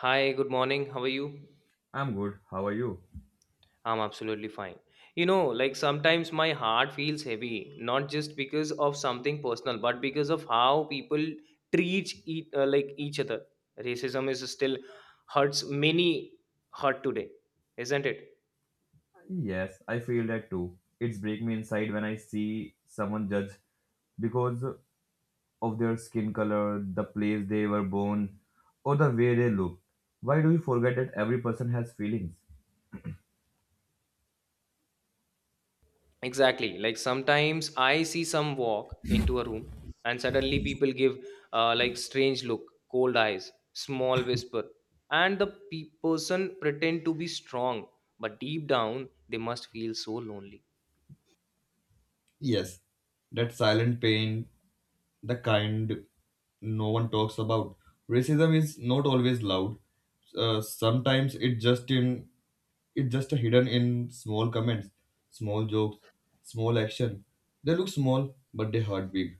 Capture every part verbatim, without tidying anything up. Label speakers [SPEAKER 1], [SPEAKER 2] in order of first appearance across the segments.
[SPEAKER 1] Hi, good morning. How are you?
[SPEAKER 2] I'm good. How are you?
[SPEAKER 1] I'm absolutely fine. You know, like sometimes my heart feels heavy, not just because of something personal, but because of how people treat each, uh, like each other. Racism is still hurts many hurt today, isn't it?
[SPEAKER 2] Yes, I feel that too. It's break me inside when I see someone judge because of their skin color, the place they were born, or the way they look. Why do we forget that every person has feelings?
[SPEAKER 1] Exactly. Like sometimes I see some walk into a room and suddenly people give uh, like strange look, cold eyes, small whisper, and the pe- person pretend to be strong, but deep down they must feel so lonely.
[SPEAKER 2] Yes, that silent pain the kind no one talks about. Racism is not always loud. Uh, sometimes it just in it just hidden in small comments, small jokes, small action. They look small, but they hurt big.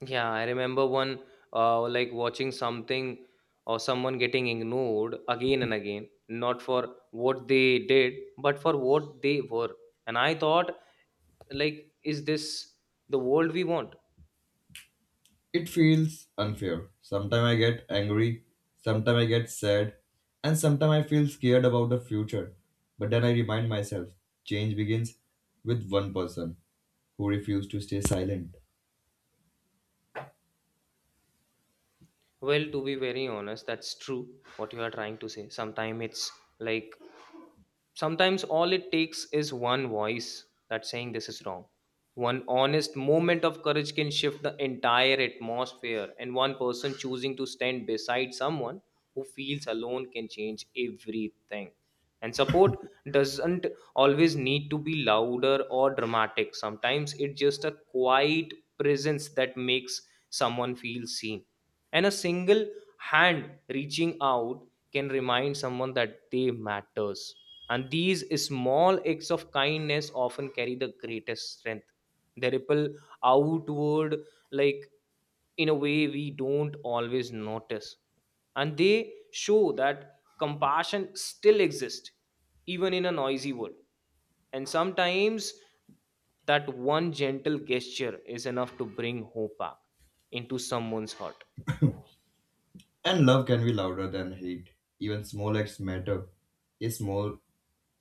[SPEAKER 1] Yeah, I remember one uh, like watching something or someone getting ignored again and again, not for what they did, but for what they were. And I thought, like, is this the world we want?
[SPEAKER 2] It feels unfair. Sometimes I get angry, sometimes I get sad, and sometimes I feel scared about the future. But then I remind myself, change begins with one person who refused to stay silent.
[SPEAKER 1] Well, to be very honest, that's true what you are trying to say. Sometimes it's like, sometimes all it takes is one voice that's saying this is wrong. One honest moment of courage can shift the entire atmosphere, and one person choosing to stand beside someone who feels alone can change everything. And support doesn't always need to be louder or dramatic. Sometimes it's just a quiet presence that makes someone feel seen. And a single hand reaching out can remind someone that they matters. And these small acts of kindness often carry the greatest strength, they ripple outward like in a way we don't always notice, and they show that compassion still exists even in a noisy world, and sometimes that one gentle gesture is enough to bring hope back into someone's heart.
[SPEAKER 2] And love can be louder than hate. Even small acts matter. A small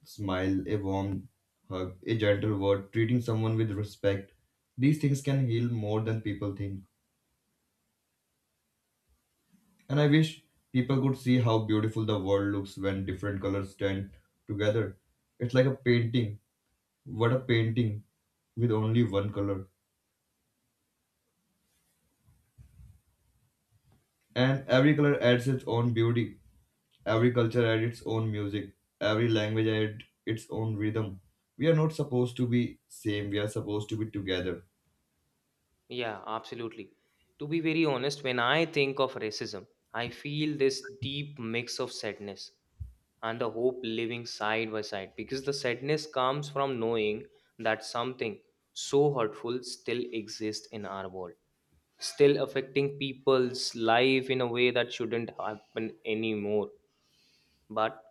[SPEAKER 2] smile, a warm hug, a gentle word, treating someone with respect. These things can heal more than people think. And I wish people could see how beautiful the world looks when different colors stand together. It's like a painting. What a painting with only one color. And every color adds its own beauty, every culture adds its own music, every language adds its own rhythm. We are not supposed to be same, we are supposed to be together.
[SPEAKER 1] Yeah, absolutely. To be very honest, when I think of racism, I feel this deep mix of sadness and the hope living side by side because the sadness comes from knowing that something so hurtful still exists in our world, still affecting people's life in a way that shouldn't happen anymore. But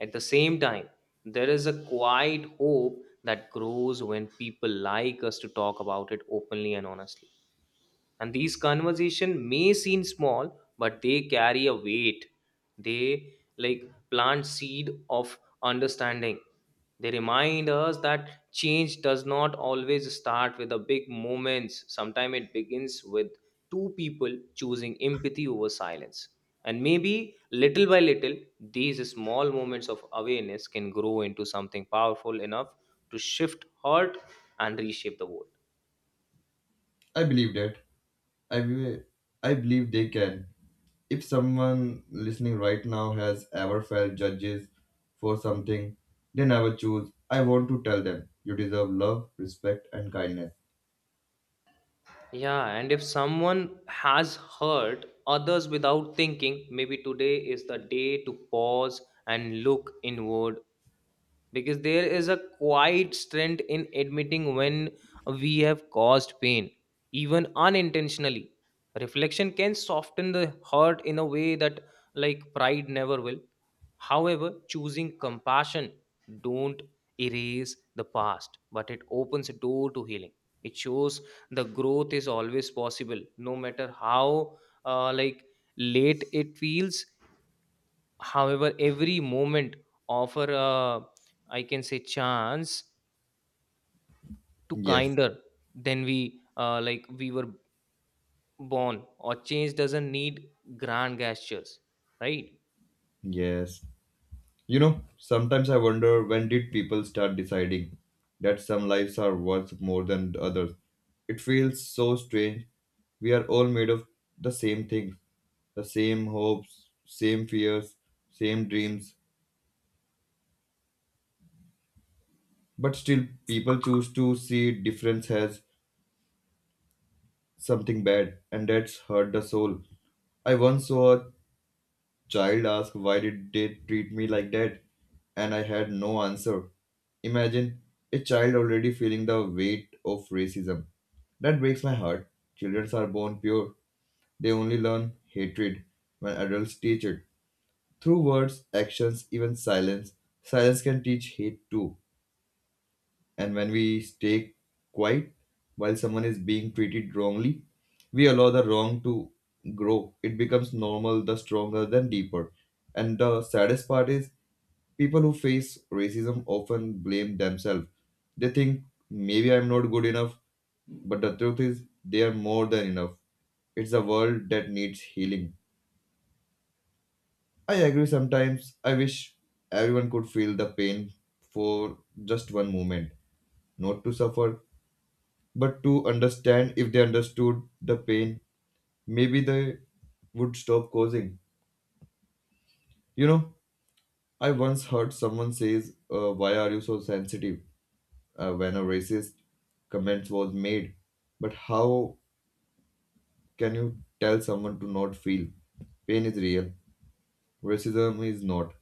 [SPEAKER 1] at the same time, there is a quiet hope that grows when people like us to talk about it openly and honestly, and these conversation may seem small but they carry a weight, they like plant seed of understanding. They remind us that change does not always start with the big moments, sometimes it begins with two people choosing empathy over silence, and maybe little by little these small moments of awareness can grow into something powerful enough to shift heart and reshape the world.
[SPEAKER 2] I believe that. I, be- I believe they can. If someone listening right now has ever felt judges for something they never choose, I want to tell them you deserve love, respect, and kindness.
[SPEAKER 1] Yeah, and if someone has hurt others without thinking, maybe today is the day to pause and look inward because there is a quiet strength in admitting when we have caused pain, even unintentionally. Reflection can soften the hurt in a way that, like, pride never will. However, choosing compassion don't erase the past, but it opens a door to healing. It shows the growth is always possible, no matter how uh, like late it feels. However, every moment offer a I can say chance to
[SPEAKER 2] Yes,
[SPEAKER 1] kinder than we uh, like we were born. Or change doesn't need grand gestures, right?
[SPEAKER 2] yes. You know, sometimes I wonder when did people start deciding that some lives are worth more than the others? It feels so strange. We are all made of the same things, the same hopes, same fears, same dreams, but still people choose to see difference as something bad and that's hurt the soul. I once saw a Child asked why did they treat me like that, and I had no answer. Imagine a child already feeling the weight of racism. That breaks my heart. Children are born pure. They only learn hatred when adults teach it. Through words, actions, even silence, silence can teach hate too. And when we stay quiet while someone is being treated wrongly, we allow the wrong to grow. It becomes normal, the stronger, then deeper. And the saddest part is people who face racism often blame themselves. They think maybe I'm not good enough, but the truth is they are more than enough. It's a world that needs healing. I agree sometimes. I wish everyone could feel the pain for just one moment, not to suffer, but to understand if they understood the pain maybe they would stop causing you know I once heard someone says uh, why are you so sensitive uh, when a racist comment was made but how can you tell someone to not feel pain is real racism is not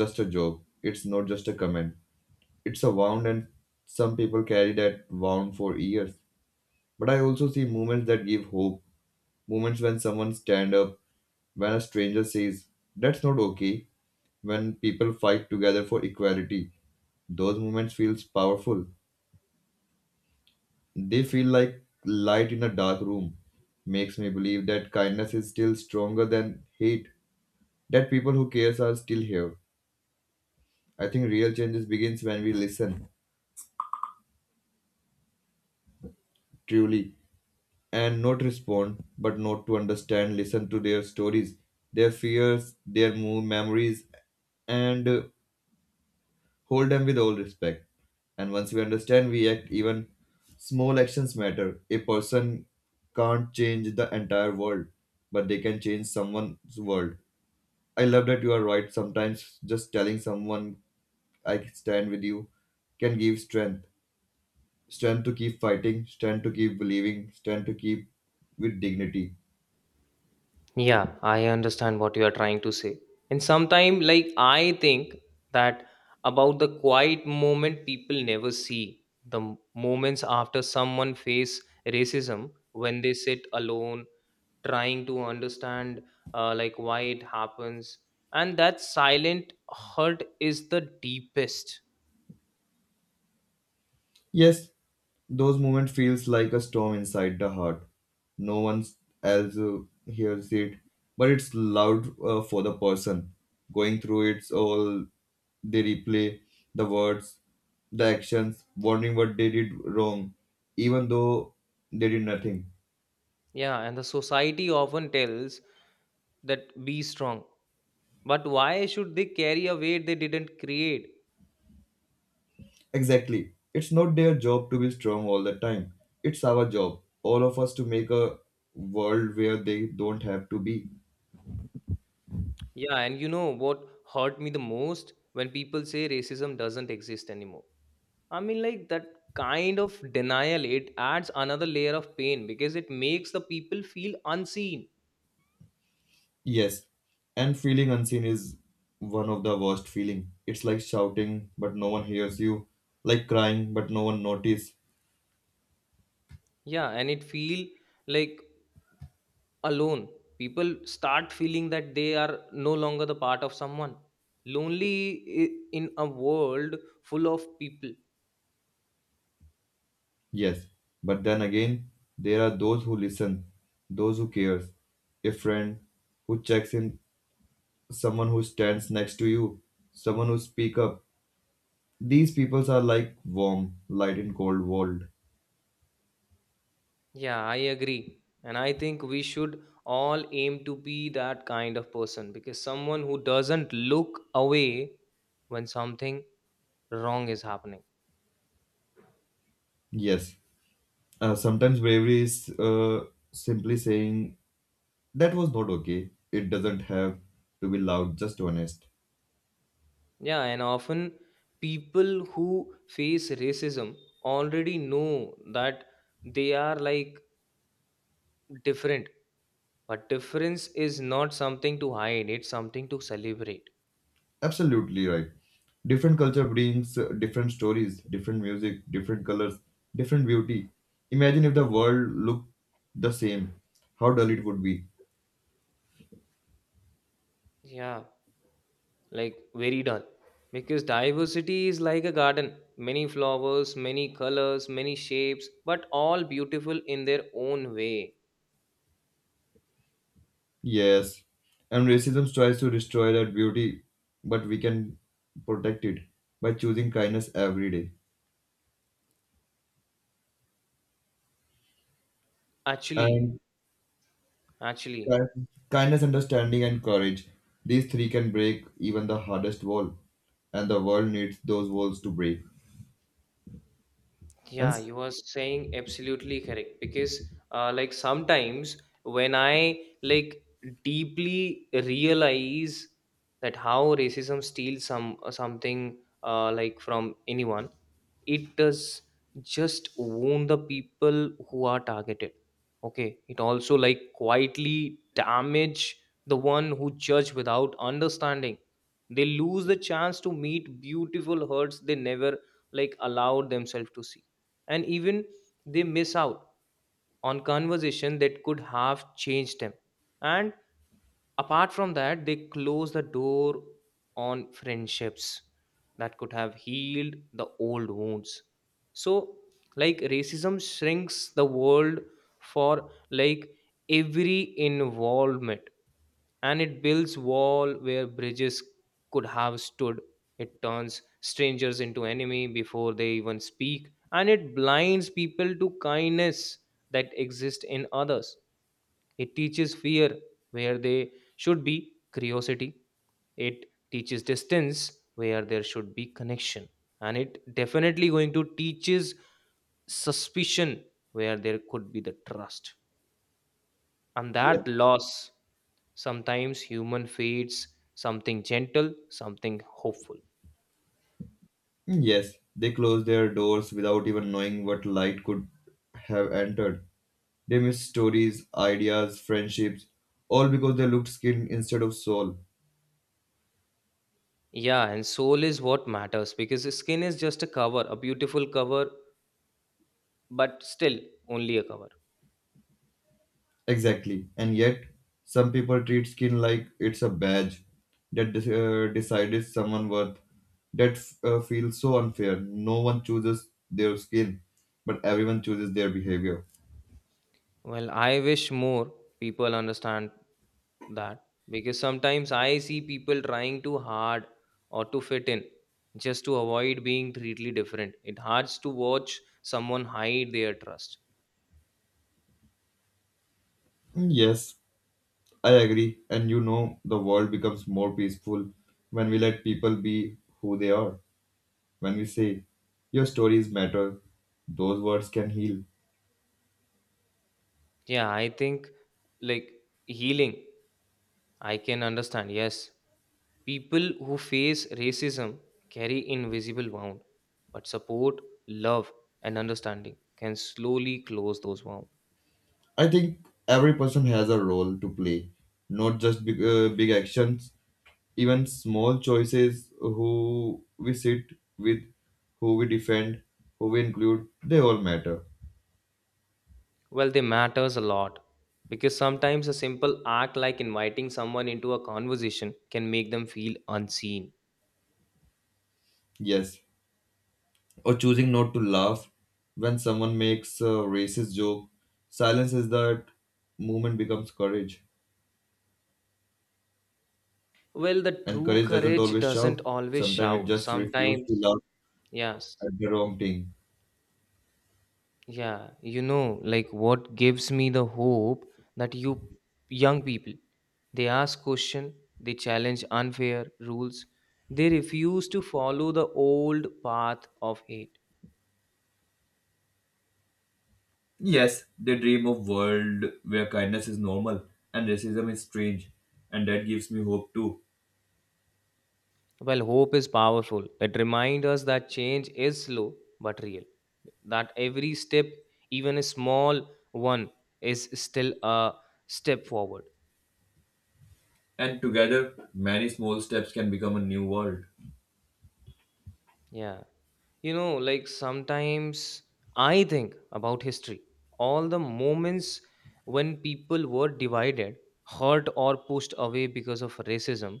[SPEAKER 2] just a joke it's not just a comment it's a wound and some people carry that wound for years but I also see moments that give hope moments when someone stand up when a stranger says, That's not okay, when people fight together for equality, those moments feels powerful. They feel like light in a dark room. Makes me believe that kindness is still stronger than hate, that people who cares are still here. I think real changes begins when we listen truly and not respond, but not to understand, listen to their stories, their fears, their mo- memories, and uh, Hold them with all respect. And once we understand, we act even small actions matter. A person can't change the entire world, but they can change someone's world. I love that you are right. Sometimes just telling someone I stand with you can give strength. Strength to keep fighting, strength to keep believing, strength to keep with dignity.
[SPEAKER 1] Yeah, I understand what you are trying to say. And sometimes, like, I think that about the quiet moment people never see, the m- moments after someone face racism when they sit alone trying to understand, uh, like, why it happens. And that silent hurt is the deepest.
[SPEAKER 2] Yes, those moments feels like a storm inside the heart. No one else uh, hears it, but it's loud uh, for the person going through it. All they replay the words, the actions, wondering what they did wrong, even though they did nothing.
[SPEAKER 1] Yeah, and the society often tells that be strong. But why should they carry a weight they didn't create?
[SPEAKER 2] Exactly, it's not their job to be strong all the time. It's our job, all of us, to make a world where they don't have to be.
[SPEAKER 1] Yeah, and you know what hurt me the most when people say racism doesn't exist anymore. I mean, like that kind of denial, it adds another layer of pain because it makes the people feel unseen.
[SPEAKER 2] Yes, and feeling unseen is one of the worst feeling. It's like shouting but no one hears you, like crying but no one notice.
[SPEAKER 1] Yeah, and it feel like alone. People start feeling that they are no longer the part of someone. Lonely i- in a world full of people.
[SPEAKER 2] Yes, but then again, there are those who listen, those who cares, a friend who checks in, someone who stands next to you, someone who speak up. These people are like warm light in cold world.
[SPEAKER 1] Yeah, I agree. And I think we should all aim to be that kind of person because someone who doesn't look away when something wrong is happening.
[SPEAKER 2] Yes, uh, sometimes bravery is uh, simply saying That was not okay. It doesn't have to be loud, just honest.
[SPEAKER 1] Yeah, and often people who face racism already know that they are like different, but difference is not something to hide, it's something to celebrate.
[SPEAKER 2] Absolutely right. Different culture brings uh, different stories, different music, different colors, different beauty. Imagine if the world looked the same, how dull it would be.
[SPEAKER 1] Yeah, like very dull because diversity is like a garden, many flowers, many colors, many shapes, but all beautiful in their own way.
[SPEAKER 2] Yes, and racism tries to destroy that beauty, but we can protect it by choosing kindness every day.
[SPEAKER 1] Actually,
[SPEAKER 2] And
[SPEAKER 1] actually,
[SPEAKER 2] Kind- Kindness, understanding, and courage. These three can break even the hardest wall, and the world needs those walls to break. And
[SPEAKER 1] yeah,
[SPEAKER 2] s-
[SPEAKER 1] you were saying absolutely correct because uh, like sometimes when I like deeply realize that how racism steals some uh, something uh, like from anyone, it does just wound the people who are targeted. Okay, it also like quietly damage the one who judge without understanding. They lose the chance to meet beautiful hurts they never like allowed themselves to see, and even they miss out on conversation that could have changed them, and apart from that they close the door on friendships that could have healed the old wounds. So, like racism shrinks the world for like every involvement, and it builds wall where bridges could have stood, it turns strangers into enemy before they even speak, and it blinds people to kindness that exists in others. It teaches fear where they should be curiosity, it teaches distance where there should be connection, and it definitely going to teaches suspicion where there could be the trust. And
[SPEAKER 2] yes,
[SPEAKER 1] that loss, sometimes human feeds something gentle, something hopeful.
[SPEAKER 2] yes, they close their doors without even knowing what light could have entered. They miss stories, ideas, friendships, all because they looked skin instead of soul.
[SPEAKER 1] Yeah, and soul is what matters because the skin is just a cover, a beautiful cover, but still only a cover.
[SPEAKER 2] Exactly. And yet, some people treat skin like it's a badge that de- uh, decides someone worth. That f- uh, feels so unfair. No one chooses their skin, but everyone chooses their behavior.
[SPEAKER 1] Well, I wish more people understand that because sometimes I see people trying too hard or to fit in just to avoid being completely different. It hurts to watch someone hide their trust.
[SPEAKER 2] Mm, yes, I agree. And you know, the world becomes more peaceful when we let people be who they are. When we say, Your stories matter, those words can heal.
[SPEAKER 1] Yeah, I think like healing I can understand, yes. People who face racism carry invisible wound, but support, love, and understanding can slowly close those wounds.
[SPEAKER 2] I think every person has a role to play, not just big, uh, big actions, even small choices who we sit with, who we defend, who we include, they all matter.
[SPEAKER 1] Well, they matters a lot because sometimes a simple act like inviting someone into a conversation can make them feel unseen.
[SPEAKER 2] Yes. Or choosing not to laugh when someone makes a racist joke. Silence is that movement becomes courage.
[SPEAKER 1] Well, the
[SPEAKER 2] And
[SPEAKER 1] true
[SPEAKER 2] courage doesn't
[SPEAKER 1] courage
[SPEAKER 2] always
[SPEAKER 1] doesn't
[SPEAKER 2] shout.
[SPEAKER 1] always
[SPEAKER 2] Sometimes it
[SPEAKER 1] shout.
[SPEAKER 2] just refuses to
[SPEAKER 1] Sometimes,
[SPEAKER 2] laugh
[SPEAKER 1] yes,
[SPEAKER 2] at the wrong thing.
[SPEAKER 1] yeah, you know, like what gives me the hope that you young people, they ask question, they challenge unfair rules, they refuse to follow the old path of hate.
[SPEAKER 2] Yes, they dream of world where kindness is normal and racism is strange, and that gives me hope too.
[SPEAKER 1] Well, hope is powerful. It reminds us that change is slow but real. That every step, even a small one, is still a step forward.
[SPEAKER 2] And together, many small steps can become a new world.
[SPEAKER 1] Yeah. You know, like sometimes I think about history, all the moments when people were divided, hurt, or pushed away because of racism.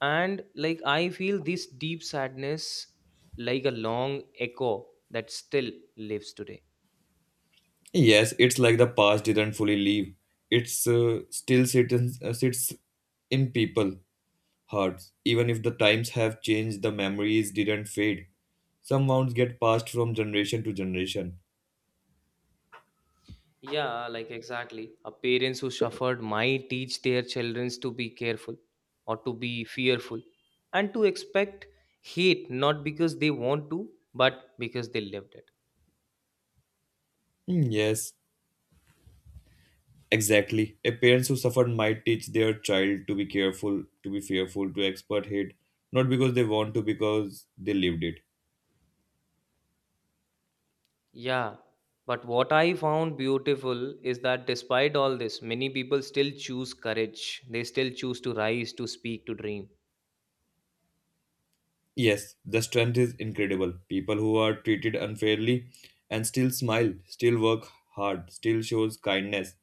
[SPEAKER 1] And like I feel this deep sadness like a long echo that still lives today.
[SPEAKER 2] Yes, it's like the past didn't fully leave. It's uh, still sits, uh, sits in people hearts. Even if the times have changed, the memories didn't fade. Some wounds get passed from generation to generation.
[SPEAKER 1] Yeah, like exactly. A parents who suffered might teach their children to be careful or to be fearful and to expect hate not because they want to, but because they lived it.
[SPEAKER 2] Hmm, yes, exactly. A parents who suffered might teach their child to be careful, to be fearful, to expert hate, not because they want to, because they lived it.
[SPEAKER 1] Yeah. But what I found beautiful is that despite all this, many people still choose courage. They still choose to rise, to speak, to dream.
[SPEAKER 2] Yes, the strength is incredible. People who are treated unfairly and still smile, still work hard, still shows kindness.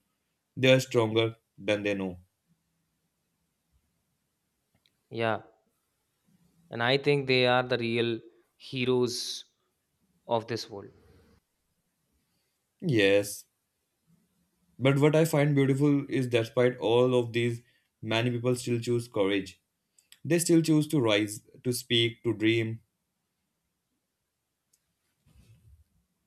[SPEAKER 2] They are stronger than they know.
[SPEAKER 1] Yeah. And I think they are the real heroes of this world.
[SPEAKER 2] Yes. But what I find beautiful is despite all of these, many people still choose courage. They still choose to rise, to speak, to dream,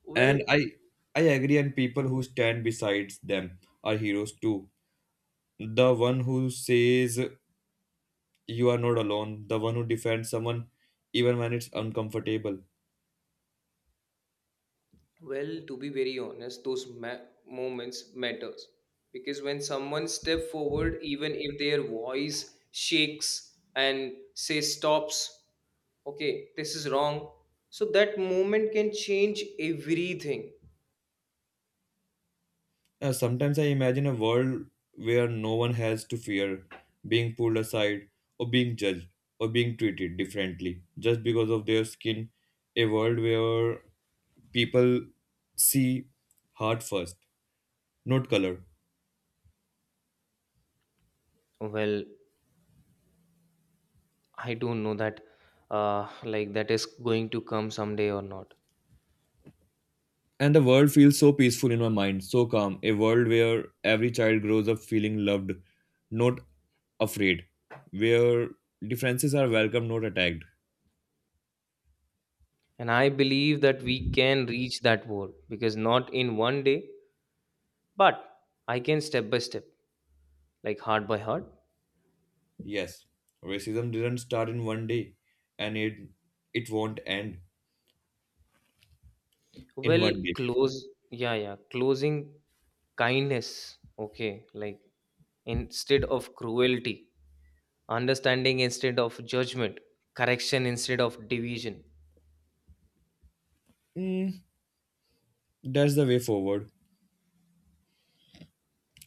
[SPEAKER 1] Well,
[SPEAKER 2] and I I agree and people who stand besides them are heroes too. The one who says you are not alone, the one who defends someone even when it's uncomfortable.
[SPEAKER 1] Well, to be very honest, those ma- moments matters because when someone step forward, even if their voice shakes and say stops, okay, this is wrong. So that moment can change everything.
[SPEAKER 2] Uh, sometimes I imagine a world where no one has to fear being pulled aside or being judged or being treated differently just because of their skin. A world where people see heart first, not color.
[SPEAKER 1] Well, I don't know that, uh, like that is going to come someday or not.
[SPEAKER 2] And the world feels so peaceful in my mind, so calm. A world where every child grows up feeling loved, not afraid, where differences are welcome, not attacked.
[SPEAKER 1] And I believe that we can reach that world because not in one day, but I can step by step, like heart by heart.
[SPEAKER 2] Yes, racism didn't start in one day, and it it won't end in
[SPEAKER 1] Well,
[SPEAKER 2] one day.
[SPEAKER 1] close, yeah, yeah, closing kindness, okay, like instead of cruelty, understanding instead of judgment, correction instead of division.
[SPEAKER 2] Mm, that's the way forward.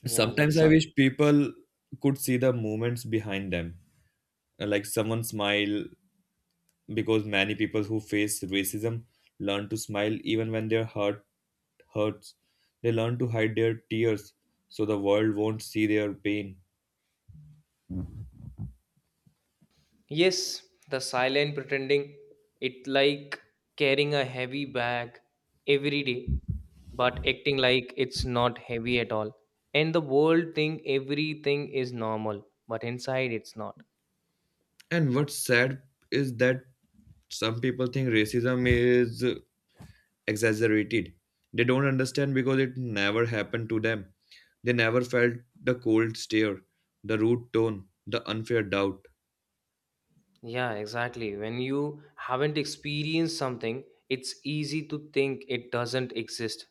[SPEAKER 1] Yeah, like
[SPEAKER 2] Sometimes I
[SPEAKER 1] some,
[SPEAKER 2] wish people could see the movements behind them, like someone smile, because many people who face racism learn to smile even when their heart hurts. They learn to hide their tears so the world won't see their pain.
[SPEAKER 1] yes, the silent pretending, it like carrying a heavy bag every day, but acting like it's not heavy at all. And the world think everything is normal, but inside it's not.
[SPEAKER 2] And what's sad is that some people think racism is exaggerated. They don't understand because it never happened to them. They never felt the cold stare, the rude tone, the unfair doubt.
[SPEAKER 1] Yeah, exactly. When you haven't experienced something, it's easy to think it doesn't exist.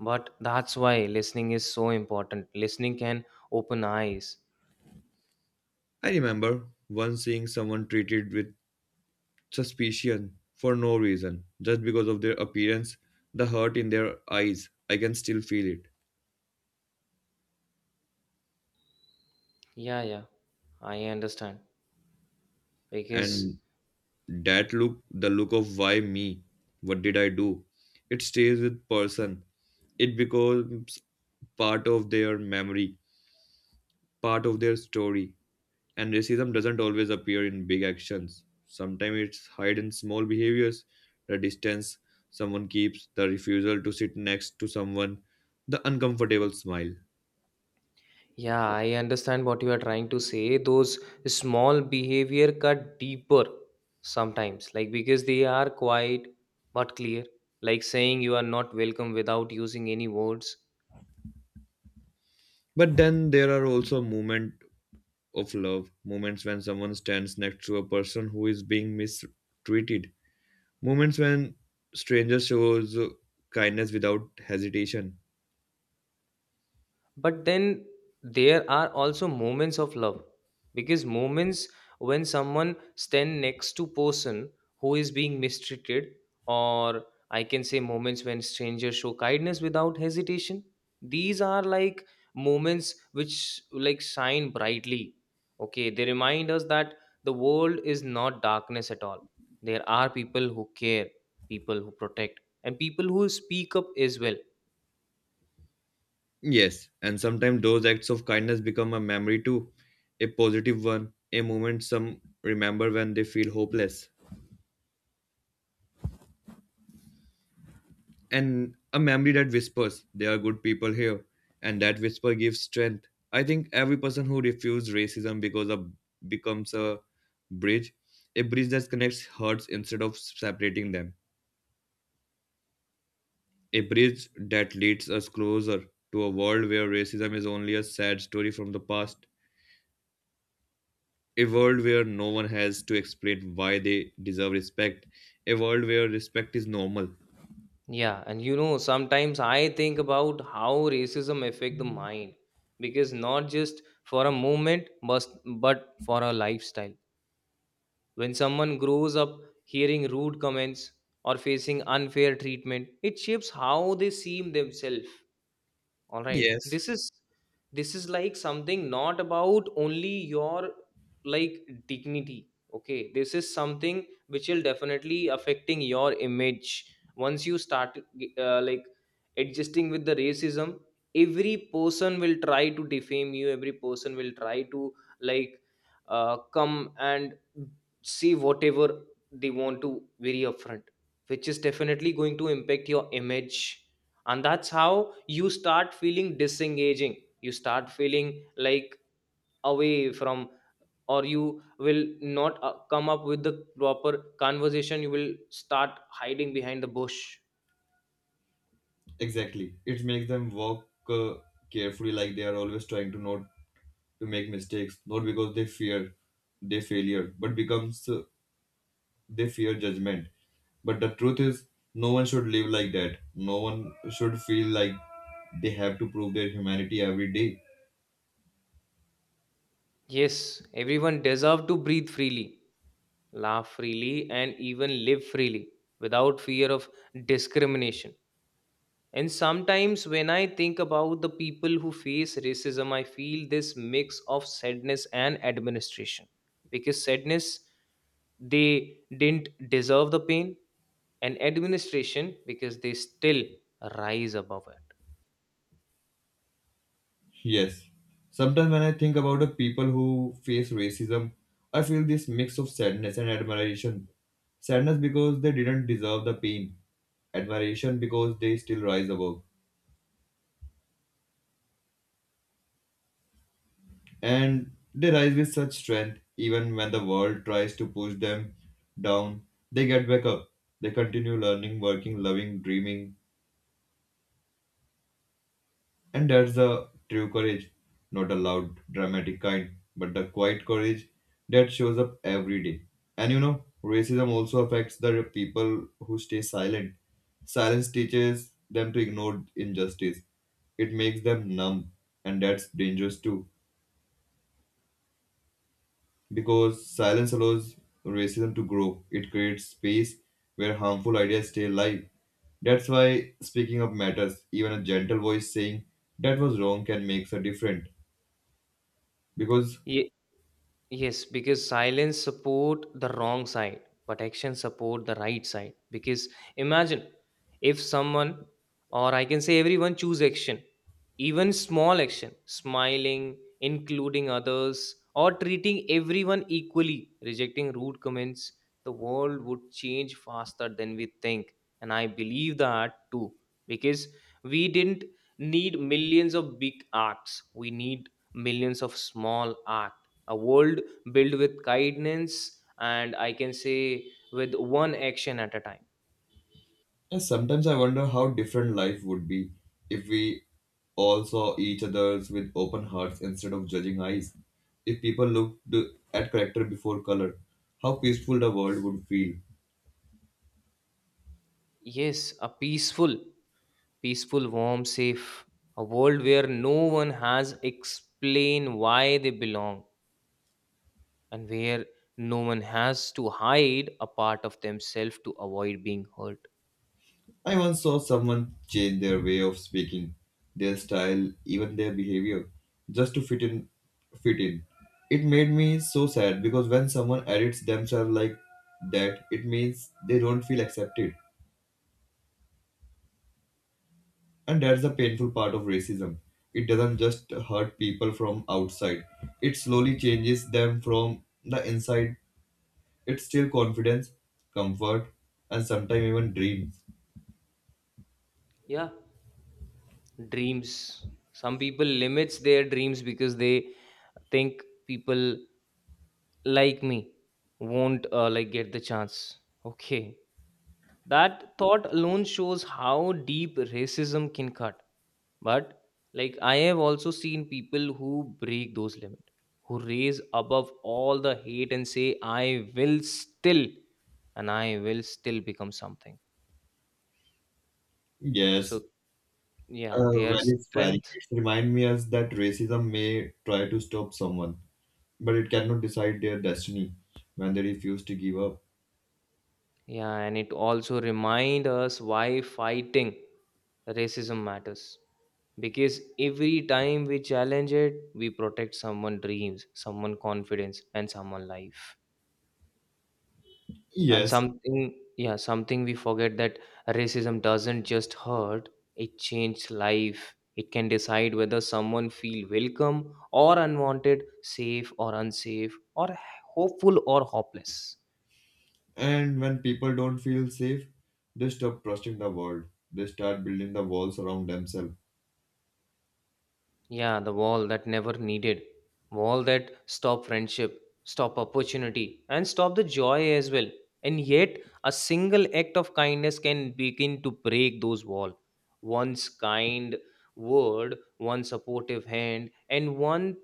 [SPEAKER 1] But that's why listening is so important. Listening can open eyes.
[SPEAKER 2] I remember once seeing someone treated with suspicion for no reason, just because of their appearance, the hurt in their eyes. I can still feel it.
[SPEAKER 1] Yeah, yeah, I understand. Because,
[SPEAKER 2] And that look, the look of why me? What did I do? It stays with person. It becomes part of their memory, part of their story. And racism doesn't always appear in big actions. Sometimes it's hide in small behaviors, the distance someone keeps, the refusal to sit next to someone, the uncomfortable smile.
[SPEAKER 1] yeah, I understand what you are trying to say. Those small behavior cut deeper sometimes, like because they are quiet but clear, like saying you are not welcome without using any words.
[SPEAKER 2] But then there are also moments of love, moments when someone stands next to a person who is being mistreated, moments when stranger shows kindness without hesitation.
[SPEAKER 1] But then there are also moments of love because moments when someone stand next to person who is being mistreated, or I can say moments when strangers show kindness without hesitation. These are like moments which like shine brightly, okay, they remind us that the world is not darkness at all. There are people who care, people who protect, and people who speak up as well.
[SPEAKER 2] Yes, and sometimes those acts of kindness become a memory too, a positive one, a moment some remember when they feel hopeless. And a memory that whispers there are good people here and that whisper gives strength. I think every person who refuses racism because of becomes a bridge, a bridge that connects hearts instead of separating them, a bridge that leads us closer to a world where racism is only a sad story from the past, a world where no one has to explain why they deserve respect, a world where respect is normal.
[SPEAKER 1] Yeah, and you know, sometimes I think about how racism affect the mind because not just for a moment, but but for a lifestyle. When someone grows up hearing rude comments or facing unfair treatment, it shapes how they see themselves. All right,
[SPEAKER 2] Yes,
[SPEAKER 1] this is this is like something not about only your like dignity, okay, this is something which will definitely affecting your image. Once you start uh, like adjusting with the racism, every person will try to defame you, every person will try to like uh, come and see whatever they want to very upfront, which is definitely going to impact your image. And that's how you start feeling disengaging, you start feeling like away from, or you will not uh, come up with the proper conversation, you will start hiding behind the bush.
[SPEAKER 2] exactly. It makes them walk uh, carefully, like they are always trying to not to make mistakes, not because they fear their failure, but becomes uh, they fear judgment. But the truth is, no one should live like that. No one should feel like they have to prove their humanity every day.
[SPEAKER 1] Yes, everyone deserve to breathe freely, laugh freely, and even live freely without fear of discrimination. And sometimes when I think about the people who face racism, I feel this mix of sadness and administration. Because sadness, they didn't deserve the pain, and administration, because they still rise above it.
[SPEAKER 2] Yes. Sometimes when I think about the people who face racism, I feel this mix of sadness and admiration. Sadness because they didn't deserve the pain, admiration because they still rise above. And they rise with such strength even when the world tries to push them down. They get back up, they continue learning, working, loving, dreaming, and that's the true courage, not a loud dramatic kind, but the quiet courage that shows up every day. And you know racism also affects the people who stay silent. Silence teaches them to ignore injustice, it makes them numb, and that's dangerous too. Because silence allows racism to grow, it creates space where harmful ideas stay alive. That's why speaking up matters. Even a gentle voice saying that was wrong can make a difference. Because
[SPEAKER 1] Yes, because silence support the wrong side, but action support the right side. Because imagine if someone, or I can say everyone, choose action, even small action, smiling, including others, or treating everyone equally, rejecting rude comments, the world would change faster than we think. And I believe that too, because we didn't need millions of big acts. We need millions of small acts, a world built with kindness, and I can say with one action at a time.
[SPEAKER 2] uh, sometimes I wonder how different life would be if we all saw each other's with open hearts instead of judging eyes. If people looked at character before color, how peaceful the world would feel.
[SPEAKER 1] Yes, a peaceful, peaceful, warm, safe, a world where no one has explain why they belong, and where no one has to hide a part of themselves to avoid being hurt.
[SPEAKER 2] I once saw someone change their way of speaking, their style, even their behavior, just to fit in. Fit in. It made me so sad because when someone edits themselves like that, it means they don't feel accepted, and that's the painful part of racism. It doesn't just hurt people from outside; it slowly changes them from the inside. It's still confidence, comfort, and sometimes even dreams.
[SPEAKER 1] Yeah, dreams, some people limits their dreams because they think people like me won't uh, like get the chance, okay, that thought alone shows how deep racism can cut. But like I have also seen people who break those limits, who raise above all the hate and say I will still, and i will still become something. So,
[SPEAKER 2] Yes,
[SPEAKER 1] yeah,
[SPEAKER 2] Uh,
[SPEAKER 1] their
[SPEAKER 2] very inspiring.
[SPEAKER 1] strength.
[SPEAKER 2] It reminds me as that racism may try to stop someone, but it cannot decide their destiny when they refuse to give up.
[SPEAKER 1] Yeah, and it also remind us why fighting racism matters, because every time we challenge it we protect someone dreams, someone confidence, and someone life. And
[SPEAKER 2] Yes,
[SPEAKER 1] something, yeah, something we forget that racism doesn't just hurt, it changes life. It can decide whether someone feel welcome or unwanted, safe or unsafe, or hopeful or hopeless.
[SPEAKER 2] and when people don't feel safe, they stop trusting the world. They start building the walls around themselves.
[SPEAKER 1] Yeah, the wall that never needed. Wall that stop friendship, stop opportunity, and stop the joy as well. And yet, a single act of kindness can begin to break those walls. One's kind word, one supportive hand, and one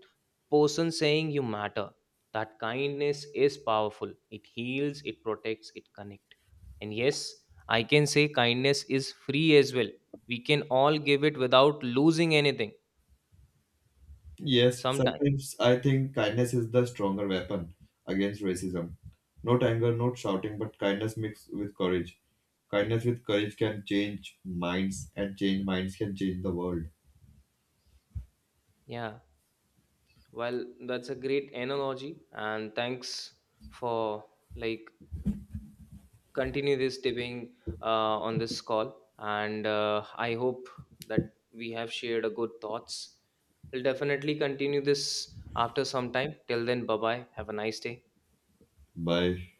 [SPEAKER 1] person saying you matter. That kindness is powerful. It heals, it protects, it connects. And yes, I can say kindness is free as well. We can all give it without losing anything.
[SPEAKER 2] Yes,
[SPEAKER 1] Sometime.
[SPEAKER 2] sometimes I think kindness is the stronger weapon against racism. Not anger, not shouting, but kindness mixed with courage. Kindness with courage can change minds, and change minds can change the world.
[SPEAKER 1] Yeah. Well, that's a great analogy, and thanks for like continue this tipping uh, on this call. And uh, I hope that we have shared a good thoughts. We'll definitely continue this after some time. Till then, bye bye. Have a nice day.
[SPEAKER 2] Bye.